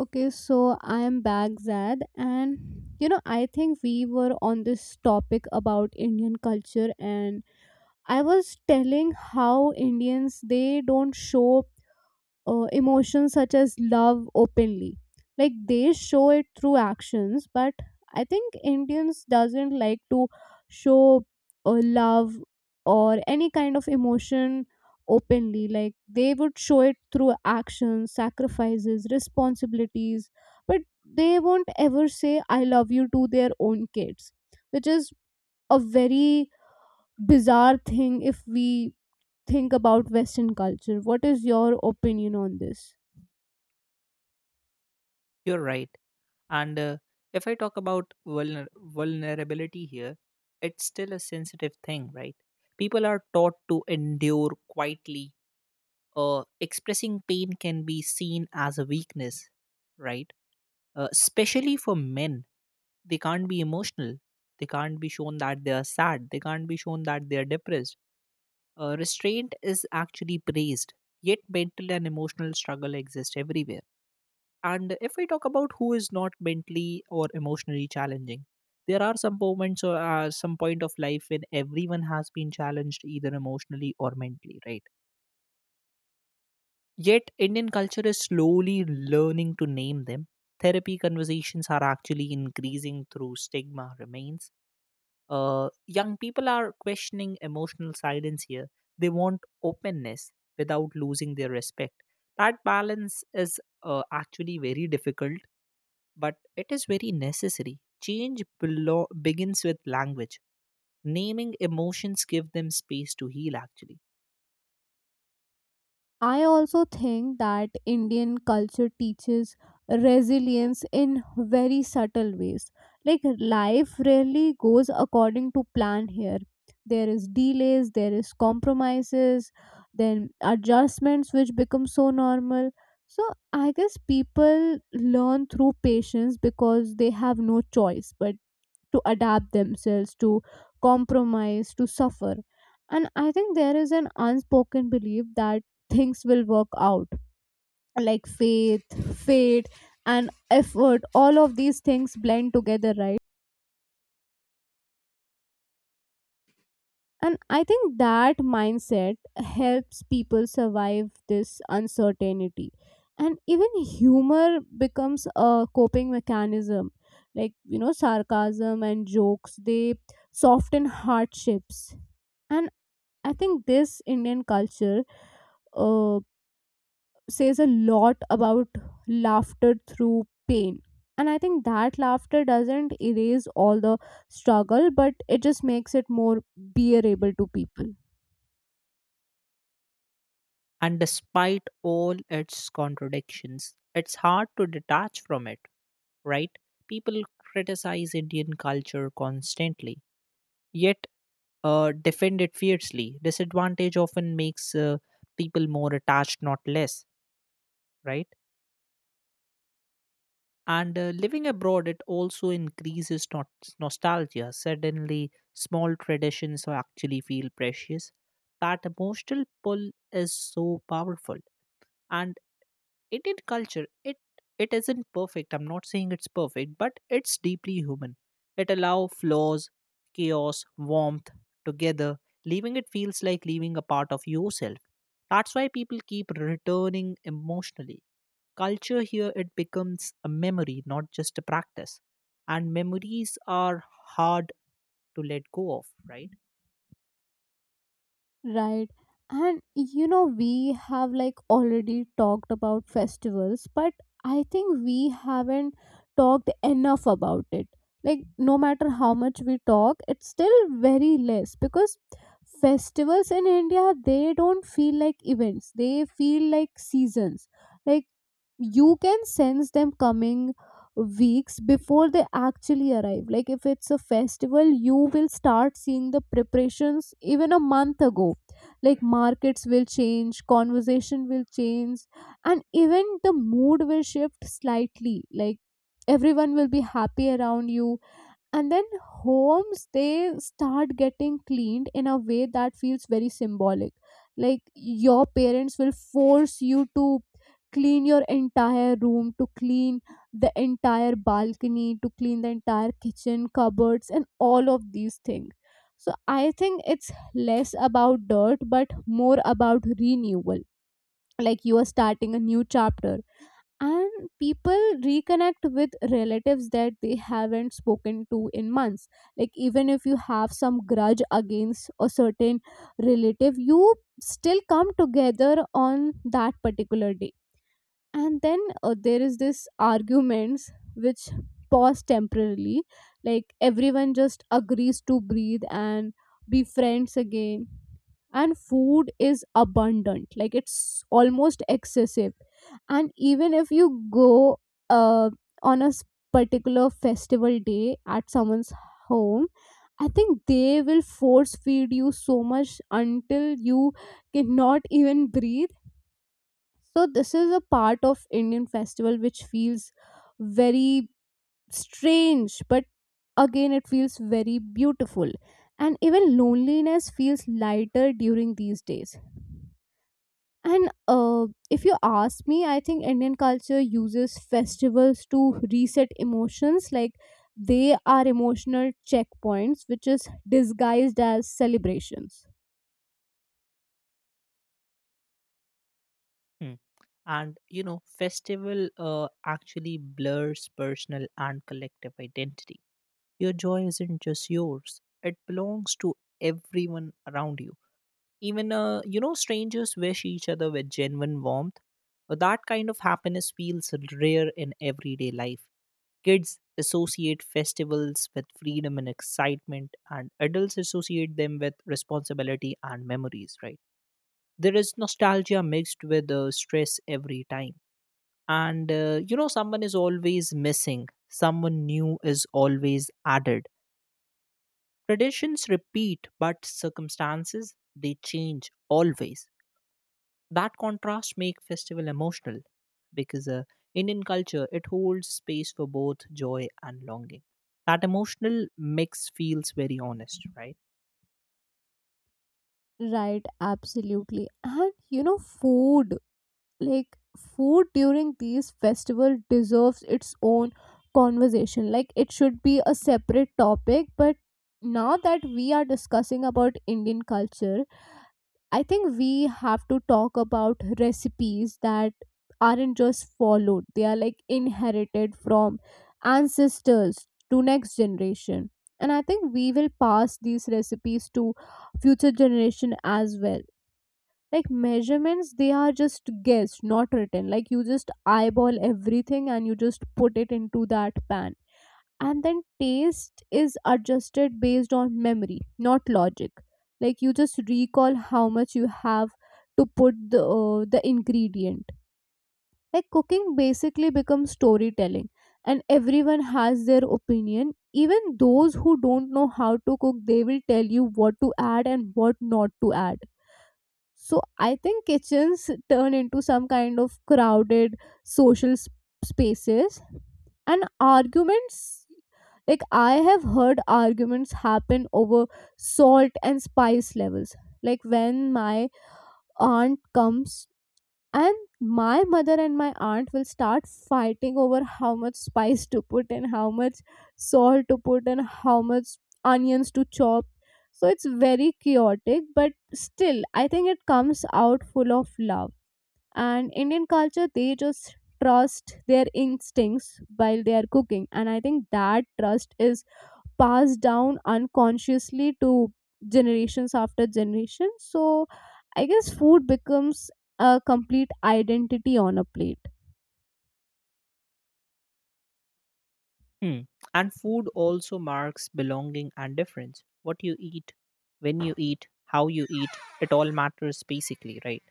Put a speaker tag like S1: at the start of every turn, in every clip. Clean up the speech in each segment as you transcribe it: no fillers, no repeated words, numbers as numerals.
S1: Okay, so I am Baghdad, and you know, I think we were on this topic about Indian culture, and I was telling how Indians they don't show emotions such as love openly like they show it through actions but I think indians doesn't like to show love or any kind of emotion openly like they would show it through actions sacrifices responsibilities but they won't ever say I love you to their own kids which is a very bizarre thing if we think about western culture. What is your opinion on this?
S2: You're right. And if I talk about vulnerability here, it's still a sensitive thing, right? People are taught to endure quietly. Expressing pain can be seen as a weakness, right? Especially for men, they can't be emotional. They can't be shown that they are sad. They can't be shown that they are depressed. Uh, restraint is actually praised, yet mental and emotional struggle exist everywhere. And if we talk about who is not mentally or emotionally challenging, there are some moments or some point of life when everyone has been challenged either emotionally or mentally, right? Yet Indian culture is slowly learning to name them. Therapy conversations are actually increasing through stigma remains. Uh, young people are questioning emotional silence here. They want openness without losing their respect. That balance is actually very difficult, but it is very necessary. Change begins with language. Naming emotions give them space to heal, actually.
S1: I also think that Indian culture teaches resilience in very subtle ways. Like life rarely goes according to plan here. There is delays, there is compromises, then adjustments which become so normal. So I guess people learn through patience because they have no choice. But to adapt themselves, to compromise, to suffer. And I think there is an unspoken belief that things will work out like faith, fate, and effort. All of these things blend together, right? And I think that mindset helps people survive this uncertainty. And even humor becomes a coping mechanism. Like, you know, sarcasm and jokes, they soften hardships. And I think this Indian culture uh, says a lot about laughter through pain. And I think that laughter doesn't erase all the struggle, but it just makes it more bearable to people.
S2: And despite all its contradictions, it's hard to detach from it, right? People criticize Indian culture constantly, yet defend it fiercely. Disadvantage often makes people more attached, not less, right? And living abroad, it also increases nostalgia. Suddenly, small traditions are actually feel precious. That emotional pull is so powerful. And Indian culture, it isn't perfect. I'm not saying it's perfect, but it's deeply human. It allows flaws, chaos, warmth together. Leaving it feels like leaving a part of yourself. That's why people keep returning emotionally. Culture here, it becomes a memory, not just a practice. And memories are hard to let go of, right?
S1: Right. And you know, we have like already talked about festivals, but I think we haven't talked enough about it. Like, no matter how much we talk, it's still very less because festivals in India, they don't feel like events, they feel like seasons. Like, you can sense them coming weeks before they actually arrive. Like, if it's a festival, you will start seeing the preparations even a month ago. Like markets will change, conversation will change, and even the mood will shift slightly. Like everyone will be happy around you, and then homes they start getting cleaned in a way that feels very symbolic. Like your parents will force you to clean your entire room, to clean the entire balcony, to clean the entire kitchen cupboards and all of these things. So I think it's less about dirt but more about renewal, like you are starting a new chapter. And people reconnect with relatives that they haven't spoken to in months. Like even if you have some grudge against a certain relative, you still come together on that particular day. And then there is this arguments which pause temporarily, like everyone just agrees to breathe and be friends again. And food is abundant, like it's almost excessive. And even if you go, uh, on a s- particular festival day at someone's home, I think they will force feed you so much until you cannot even breathe. So this is a part of indian festival which feels very strange, but again it feels very beautiful. And even loneliness feels lighter during these days. And if you ask me, I think Indian culture uses festivals to reset emotions. Like they are emotional checkpoints, which is disguised as celebrations.
S2: Hmm and you know, festival actually blurs personal and collective identity. Your joy isn't just yours, it belongs to everyone around you. Even, strangers wish each other with genuine warmth. That kind of happiness feels rare in everyday life. Kids associate festivals with freedom and excitement, and adults associate them with responsibility and memories, right? There is nostalgia mixed with stress every time, and someone is always missing, someone new is always added. Traditions repeat, but circumstances they change always. That contrast makes festival emotional, because Indian culture it holds space for both joy and longing. That emotional mix feels very honest, right?
S1: Right, absolutely. And you know, food, like food during these festival deserves its own conversation. Like it should be a separate topic, but now that we are discussing about Indian culture, I think we have to talk about recipes that aren't just followed, they are like inherited from ancestors to next generation. And I think we will pass these recipes to future generation as well. Like measurements, they are just guessed, not written. Like you just eyeball everything and you just put it into that pan, and then taste is adjusted based on memory, not logic. Like you just recall how much you have to put the the ingredient. Like cooking basically becomes storytelling, and everyone has their opinion. Even those who don't know how to cook, they will tell you what to add and what not to add. So I think kitchens turn into some kind of crowded social spaces and arguments. Like I have heard arguments happen over salt and spice levels. Like when my aunt comes and my mother and my aunt will start fighting over how much spice to put, and how much salt to put, and how much onions to chop. So it's very chaotic but still I think it comes out full of love. And indian culture they just trust their instincts while they are cooking, and I think that trust is passed down unconsciously to generations after generation. So I guess food becomes a complete identity on a plate.
S2: Hmm. And food also marks belonging and difference. What you eat, when you eat, how you eat, it all matters basically, right?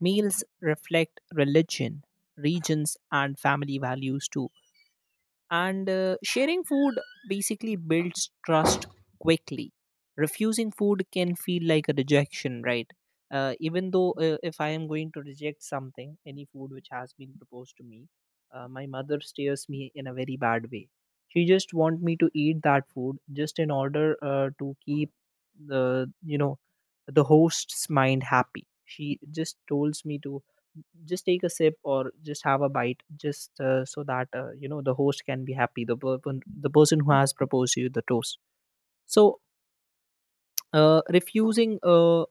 S2: Meals reflect religion, regions, and family values too, and sharing food basically builds trust quickly. Refusing food can feel like a rejection, right? Uh, even though, if I am going to reject something, any food which has been proposed to me, my mother stares me in a very bad way. She just want me to eat that food just in order, to keep the you know the host's mind happy. She just told me to just take a sip or just have a bite, just so that you know the host can be happy, the person who has proposed you the toast. So, refusing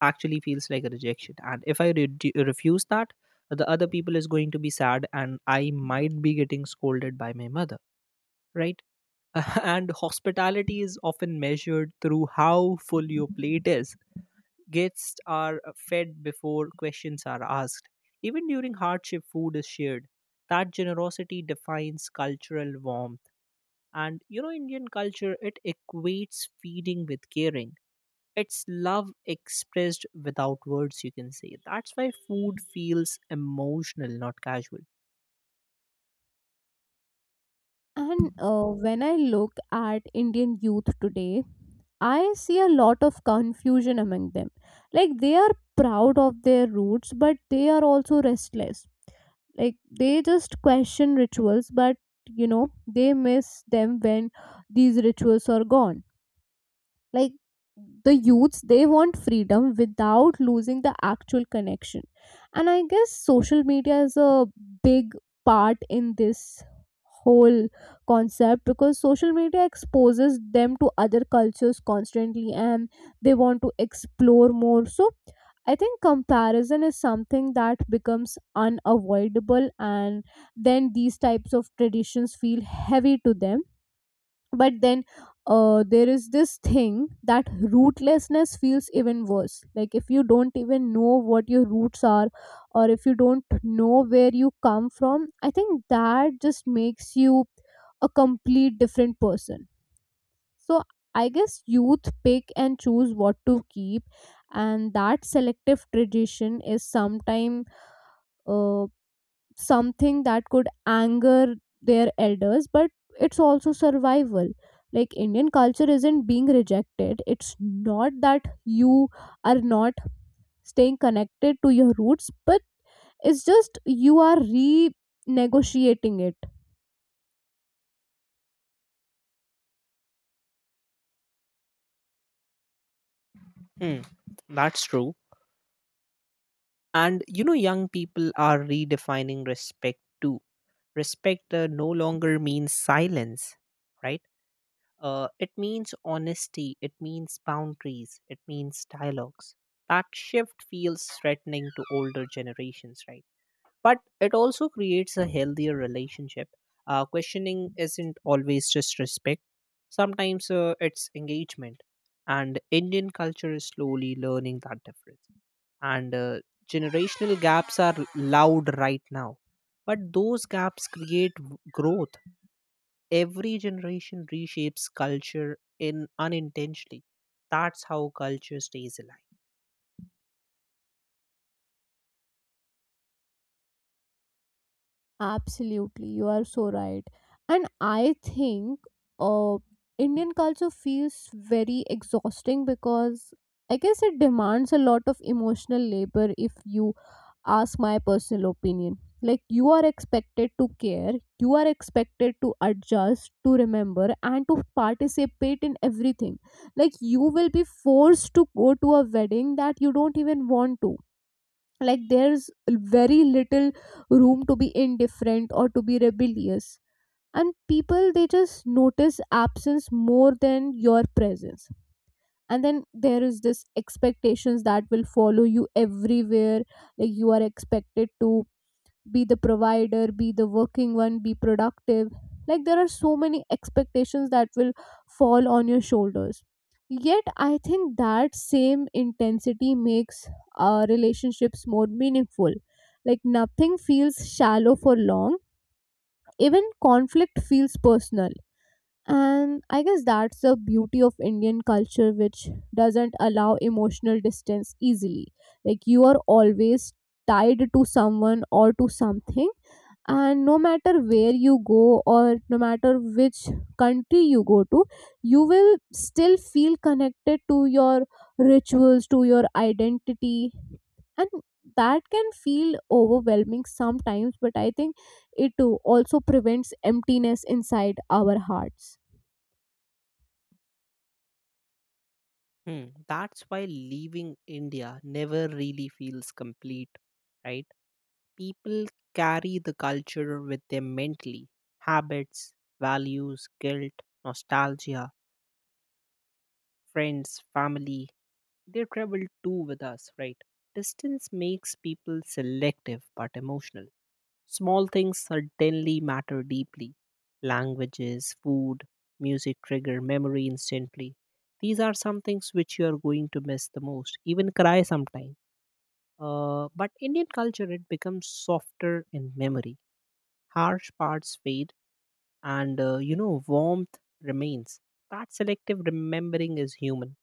S2: actually feels like a rejection, and if I refuse that, the other people is going to be sad and I might be getting scolded by my mother, right. And hospitality is often measured through how full your plate is. Guests are fed before questions are asked. Even during hardship, food is shared. That generosity defines cultural warmth. And you know, Indian culture, it equates feeding with caring. It's love expressed without words, you can say. That's why food feels emotional, not casual.
S1: And when I look at indian youth today, I see a lot of confusion among them. Like they are proud of their roots but they are also restless. Like they just question rituals, but you know, they miss them when these rituals are gone. Like the youths, they want freedom without losing the actual connection. And I guess social media is a big part in this whole concept, because social media exposes them to other cultures constantly and they want to explore more. So I think comparison is something that becomes unavoidable, and then these types of traditions feel heavy to them. But then there is this thing that rootlessness feels even worse. Like if you don't even know what your roots are, or if you don't know where you come from, I think that just makes you a complete different person. So I guess youth pick and choose what to keep, and that selective tradition is sometimes uh, something that could anger their elders, but it's also survival. Like indian culture isn't being rejected, it's not that you are not staying connected to your roots, but it's just you are renegotiating it.
S2: Hmm, that's true. And you know, young people are redefining respect too. Respect no longer means silence, right? It means honesty, it means boundaries, it means dialogues. That shift feels threatening to older generations, right? But it also creates a healthier relationship. Questioning isn't always just respect, sometimes it's engagement. And Indian culture is slowly learning that difference. And generational gaps are loud right now. But those gaps create growth. Every generation reshapes culture in unintentionally. That's how culture stays alive.
S1: Absolutely, you are so right. And I think uh, indian culture feels very exhausting because I guess it demands a lot of emotional labor, if you ask my personal opinion. Like, you are expected to care, you are expected to adjust, to remember, and to participate in everything. Like, you will be forced to go to a wedding that you don't even want to. Like, there's very little room to be indifferent or to be rebellious. And people, they just notice absence more than your presence. And then there is this expectations that will follow you everywhere. Like you are expected to be the provider, be the working one, be productive. Like there are so many expectations that will fall on your shoulders. Yet I think that same intensity makes relationships more meaningful. Like nothing feels shallow for long, even conflict feels personal. And I guess that's the beauty of indian culture, which doesn't allow emotional distance easily. Like you are always tied to someone or to something, and no matter where you go or no matter which country you go to, you will still feel connected to your rituals, to your identity. And that can feel overwhelming sometimes, but I think it too also prevents emptiness inside our hearts.
S2: Hmm, that's why leaving India never really feels complete, right? People carry the culture with them mentally: habits, values, guilt, nostalgia, friends, family. They travel too with us, right? Distance makes people selective but emotional. Small things suddenly matter deeply. Languages, food, music trigger memory instantly. These are some things which you are going to miss the most, even cry sometime. But Indian culture, it becomes softer in memory. Harsh parts fade, and warmth remains. That selective remembering is human.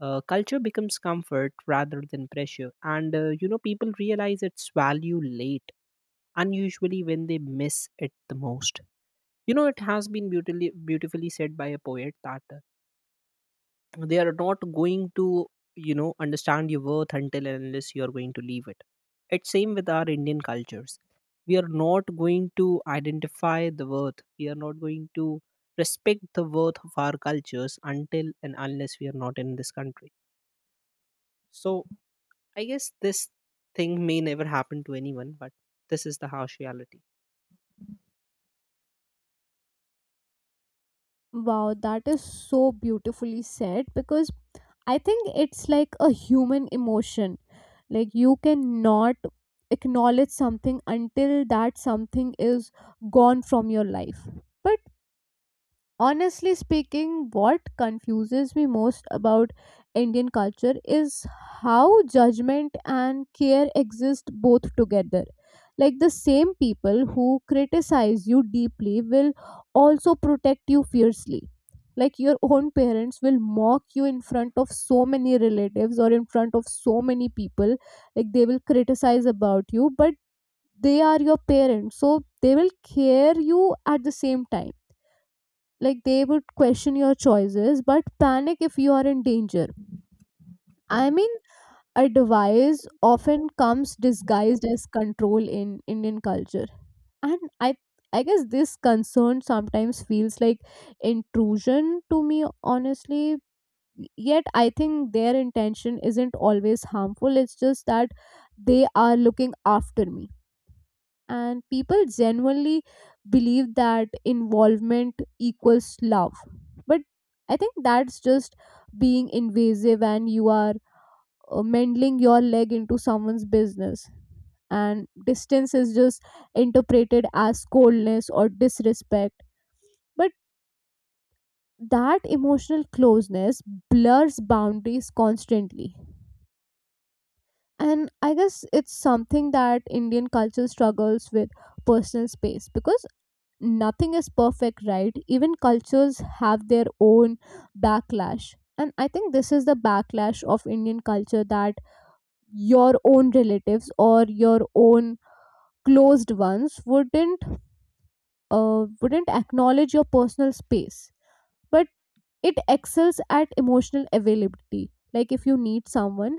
S2: Uh, culture becomes comfort rather than pressure, and people realize its value late, unusually when they miss it the most. You know, it has been beautifully beautifully said by a poet that, they are not going to, understand your worth until and unless you are going to leave it. It's same with our Indian cultures. We are not going to identify the worth, we are not going to respect the worth of our cultures until and unless we are not in this country. So, I guess this thing may never happen to anyone, but this is the harsh reality.
S1: Wow, that is so beautifully said, because I think it's like a human emotion. Like you cannot acknowledge something until that something is gone from your life. But honestly speaking, what confuses me most about Indian culture is how judgment and care exist both together. Like the same people who criticize you deeply will also protect you fiercely. Like your own parents will mock you in front of so many relatives or in front of so many people. Like they will criticize about you, but they are your parents, so they will care you at the same time. Like they would question your choices but panic if you are in danger. I mean, advice often comes disguised as control in indian culture. And i guess this concern sometimes feels like intrusion to me, honestly. Yet I think their intention isn't always harmful, it's just that they are looking after me. And people genuinely believe that involvement equals love. But I think that's just being invasive, and you are meddling your leg into someone's business. And distance is just interpreted as coldness or disrespect. But that emotional closeness blurs boundaries constantly, and I guess it's something that indian culture struggles with, personal space. Because nothing is perfect, right? Even cultures have their own backlash. And I think this is the backlash of Indian culture, that your own relatives or your own closed ones wouldn't wouldn't acknowledge your personal space. But it excels at emotional availability. Like if you need someone,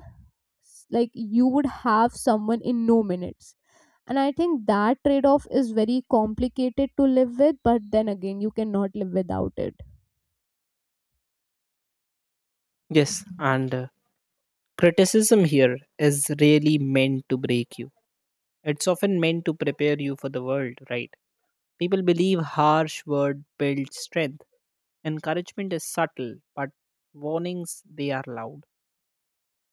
S1: like you would have someone in no minutes. And I think that trade off is very complicated to live with, but then again you cannot live without it.
S2: Yes, and criticism here is really meant to break you. It's often meant to prepare you for the world, right? People believe harsh word builds strength. Encouragement is subtle, but warnings they are loud.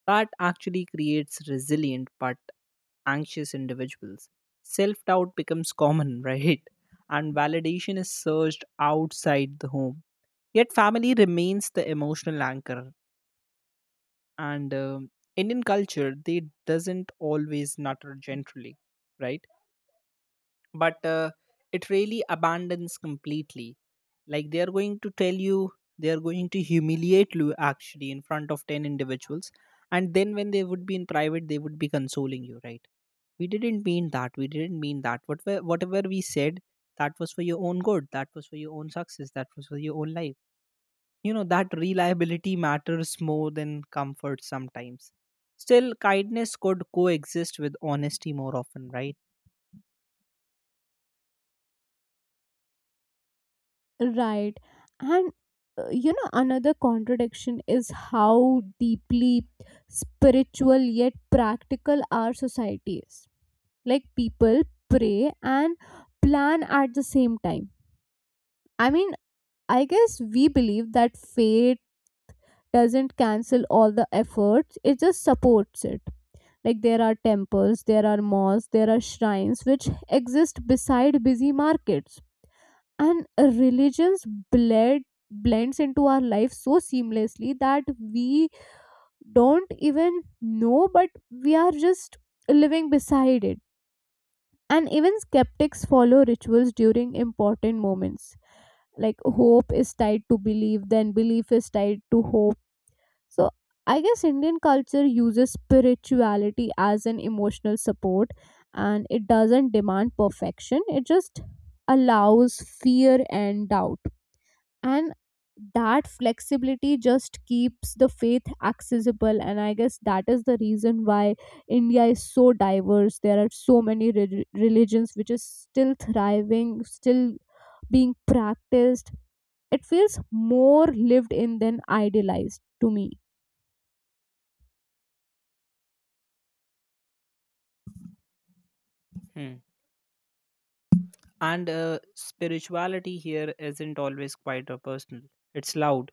S2: That actually creates resilient but anxious individuals. Self doubt becomes common, right? And validation is searched outside the home. Yet, family remains the emotional anchor. And Indian culture, they doesn't always nutter gently, right? But it really abandons completely. Like they are going to tell you, they are going to humiliate you actually in front of 10 individuals, and then when they would be in private they would be consoling you, right. We didn't mean that, we didn't mean that, whatever whatever we said, that was for your own good, that was for your own success, that was for your own life. You know, that reliability matters more than comfort sometimes. Still, kindness could coexist with honesty more often, right?
S1: Right. And you know, another contradiction is how deeply spiritual yet practical our society is. Like people pray and plan at the same time. I mean, I guess we believe that fate doesn't cancel all the efforts, it just supports it. Like there are temples, there are mosques, there are shrines which exist beside busy markets. And religions bled blends into our life so seamlessly that we don't even know, but we are just living beside it. And even skeptics follow rituals during important moments. Like hope is tied to belief, then belief is tied to hope. So I guess Indian culture uses spirituality as an emotional support, and it doesn't demand perfection, it just allows fear and doubt. And that flexibility just keeps the faith accessible, and I guess that is the reason why India is so diverse. There are so many religions which is still thriving, still being practiced. It feels more lived in than idealized to me.
S2: Hmm. And spirituality here isn't always quiet or personal. It's loud,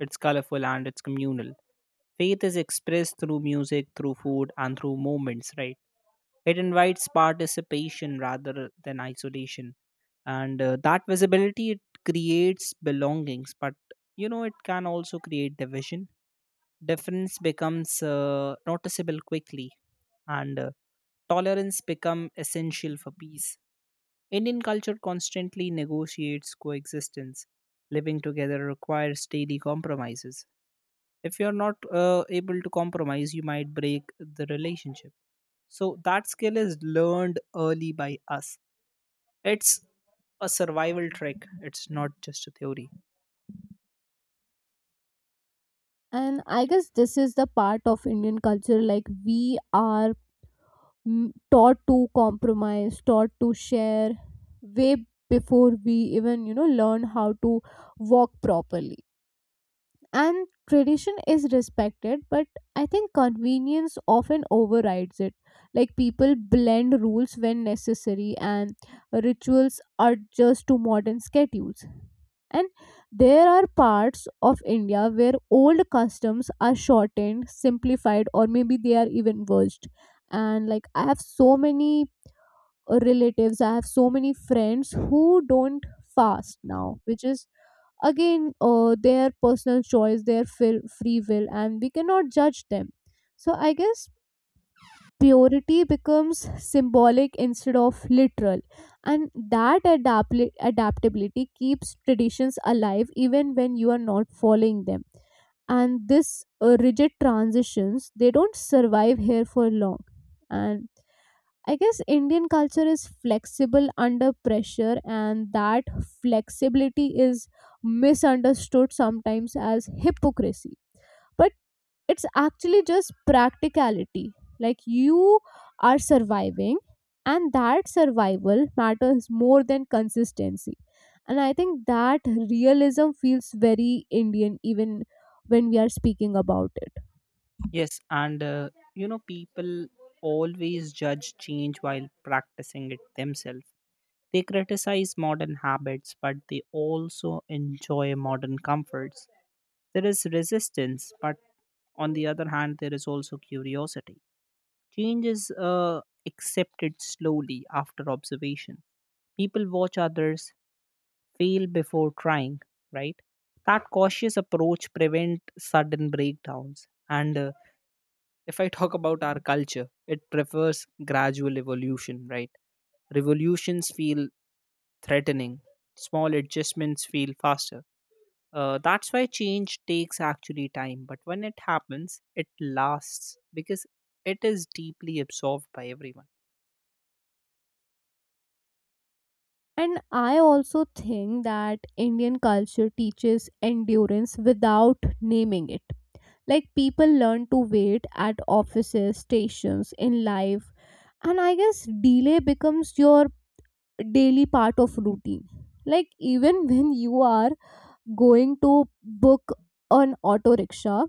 S2: it's colorful, and it's communal. Faith is expressed through music, through food, and through moments, right? It invites participation rather than isolation. And that visibility, it creates belongings, but it can also create division. Difference becomes noticeable quickly. And tolerance become essential for peace. Indian culture constantly negotiates coexistence. Living together requires daily compromises. If you're not able to compromise, you might break the relationship. So, that skill is learned early by us. It's a survival trick, it's not just a theory.
S1: And I guess this is the part of Indian culture, like we are taught to compromise, taught to share way before we even learn how to walk properly. And tradition is respected, but I think convenience often overrides it. Like people blend rules when necessary, and rituals are just to modern schedules. And there are parts of India where old customs are shortened, simplified, or maybe they are even worst. And like I have so many relatives, I have so many friends who don't fast now, which is again their personal choice, their free will, and we cannot judge them. So I guess purity becomes symbolic instead of literal. And that adaptability keeps traditions alive even when you are not following them. And this rigid transitions, they don't survive here for long. And I guess Indian culture is flexible under pressure, and that flexibility is misunderstood sometimes as hypocrisy. But it's actually just practicality. Like you are surviving, and that survival matters more than consistency. And I think that realism feels very Indian even when we are speaking about it.
S2: Yes, people always judge change while practicing it themselves. They criticize modern habits, but they also enjoy modern comforts. There is resistance, but on the other hand, there is also curiosity. Change is accepted slowly after observation. People watch others fail before trying, right? That cautious approach prevent sudden breakdowns. And if I talk about our culture, it prefers gradual evolution, right? Revolutions feel threatening. Small adjustments feel faster. That's why change takes actually time, but when it happens, it lasts because it is deeply absorbed by everyone.
S1: And I also think that Indian culture teaches endurance without naming it. Like people learn to wait at offices, stations, in life. And I guess delay becomes your daily part of routine. Like even when you are going to book an auto rickshaw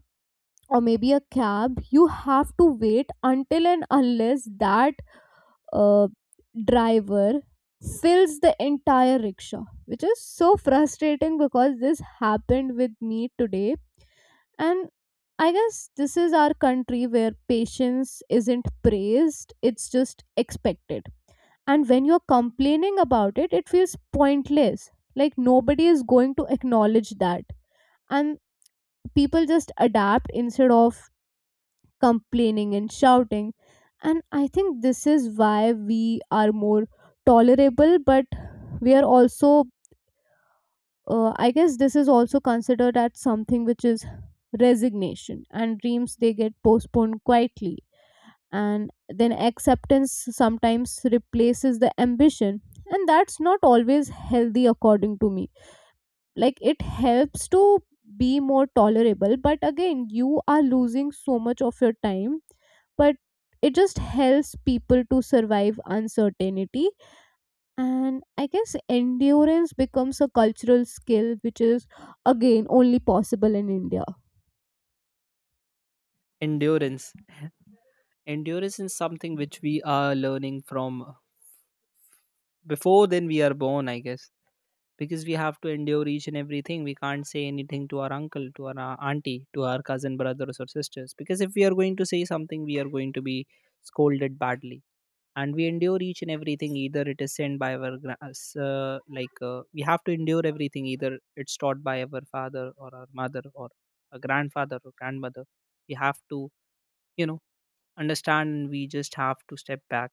S1: or maybe a cab, you have to wait until and unless that uh, driver fills the entire rickshaw, which is so frustrating because this happened with me today. And I guess this is our country where patience isn't praised, it's just expected. And when you're complaining about it, it feels pointless, like nobody is going to acknowledge that. And people just adapt instead of complaining and shouting. And I think this is why we are more tolerable, but we are also, I guess this is also considered as something which is resignation. And dreams, they get postponed quietly, and then acceptance sometimes replaces the ambition. And that's not always healthy according to me. Like it helps to be more tolerable, but again you are losing so much of your time. But it just helps people to survive uncertainty. And I guess endurance becomes a cultural skill, which is again only possible in India.
S2: Endurance. Endurance is something which we are learning from before then we are born, I guess, because we have to endure each and everything. We can't say anything to our uncle, to our auntie, to our cousin brothers or sisters, because if we are going to say something we are going to be scolded badly. And we endure each and everything, either it is sent by our gra- us, like we have to endure everything either it's taught by our father or our mother or a grandfather or grandmother. We have to, you know understand, and we just have to step back.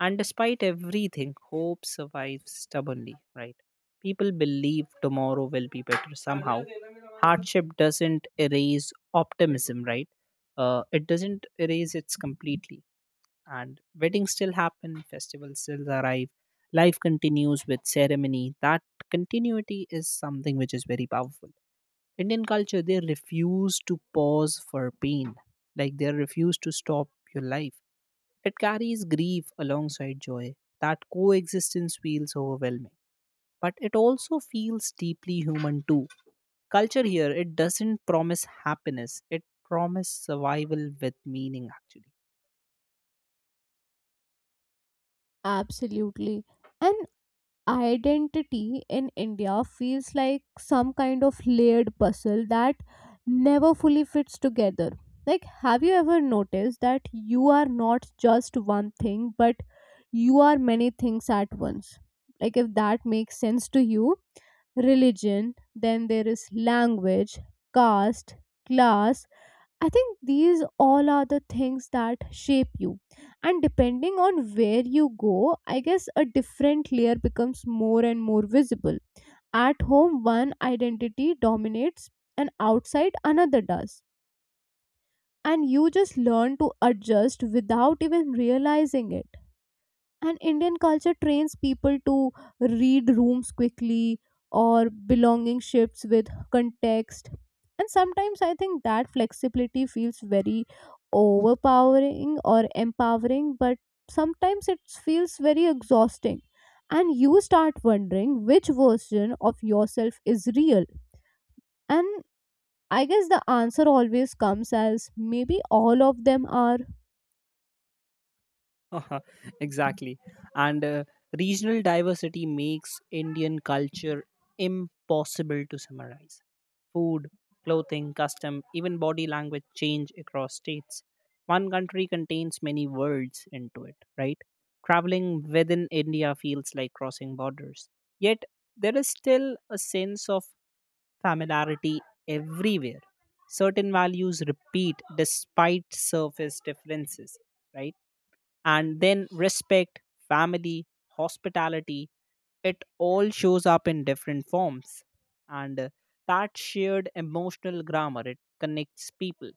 S2: And despite everything, hope survives stubbornly, right? People believe tomorrow will be better somehow. Hardship doesn't erase optimism, right? It doesn't erase it completely. And weddings still happen, festivals still arrive, life continues with ceremony. That continuity is something which is very powerful. Indian culture, they refuse to pause for pain, like they refuse to stop your life. It carries grief alongside joy. That coexistence feels overwhelming, but it also feels deeply human too. Culture here, it doesn't promise happiness, it promises survival with meaning actually.
S1: Absolutely. And identity in India feels like some kind of layered puzzle that never fully fits together. Like, have you ever noticed that you are not just one thing, but you are many things at once? Like, if that makes sense to you, religion, then there is language, caste, class, I think these all are the things that shape you. And depending on where you go, I guess a different layer becomes more and more visible. At home, one identity dominates, and outside, another does. And you just learn to adjust without even realizing it. And Indian culture trains people to read rooms quickly, or belonging shifts with context. And sometimes I think that flexibility feels very overpowering or empowering, but sometimes it feels very exhausting. And you start wondering which version of yourself is real. And I guess the answer always comes as maybe all of them are.
S2: Exactly. And regional diversity makes Indian culture impossible to summarize. Food, clothing, custom, even body language change across states. One country contains many worlds into it, right? Traveling within India feels like crossing borders. Yet, there is still a sense of familiarity everywhere. Certain values repeat despite surface differences, right? And then respect, family, hospitality, it all shows up in different forms. And that shared emotional grammar, it connects people.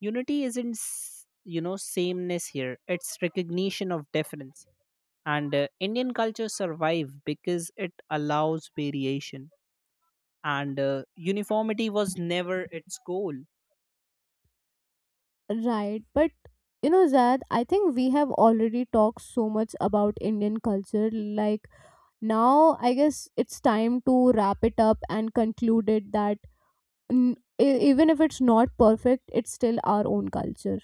S2: Unity isn't, sameness here, it's recognition of difference. And Indian culture survived because it allows variation, and uniformity was never its goal.
S1: Right, but you know, Zad, I think we have already talked so much about Indian culture. Like, now I guess it's time to wrap it up and conclude it that even if it's not perfect, it's still our own culture.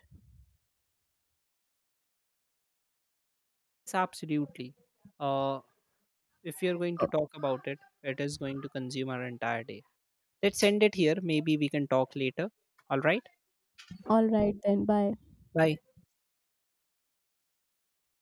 S2: It's absolutely. Uh, if you're going to
S1: Uh,
S2: talk about it, it is going to consume our entire day. Let's end it here. Maybe we can talk later. All right.
S1: All right, then, bye.
S2: Bye.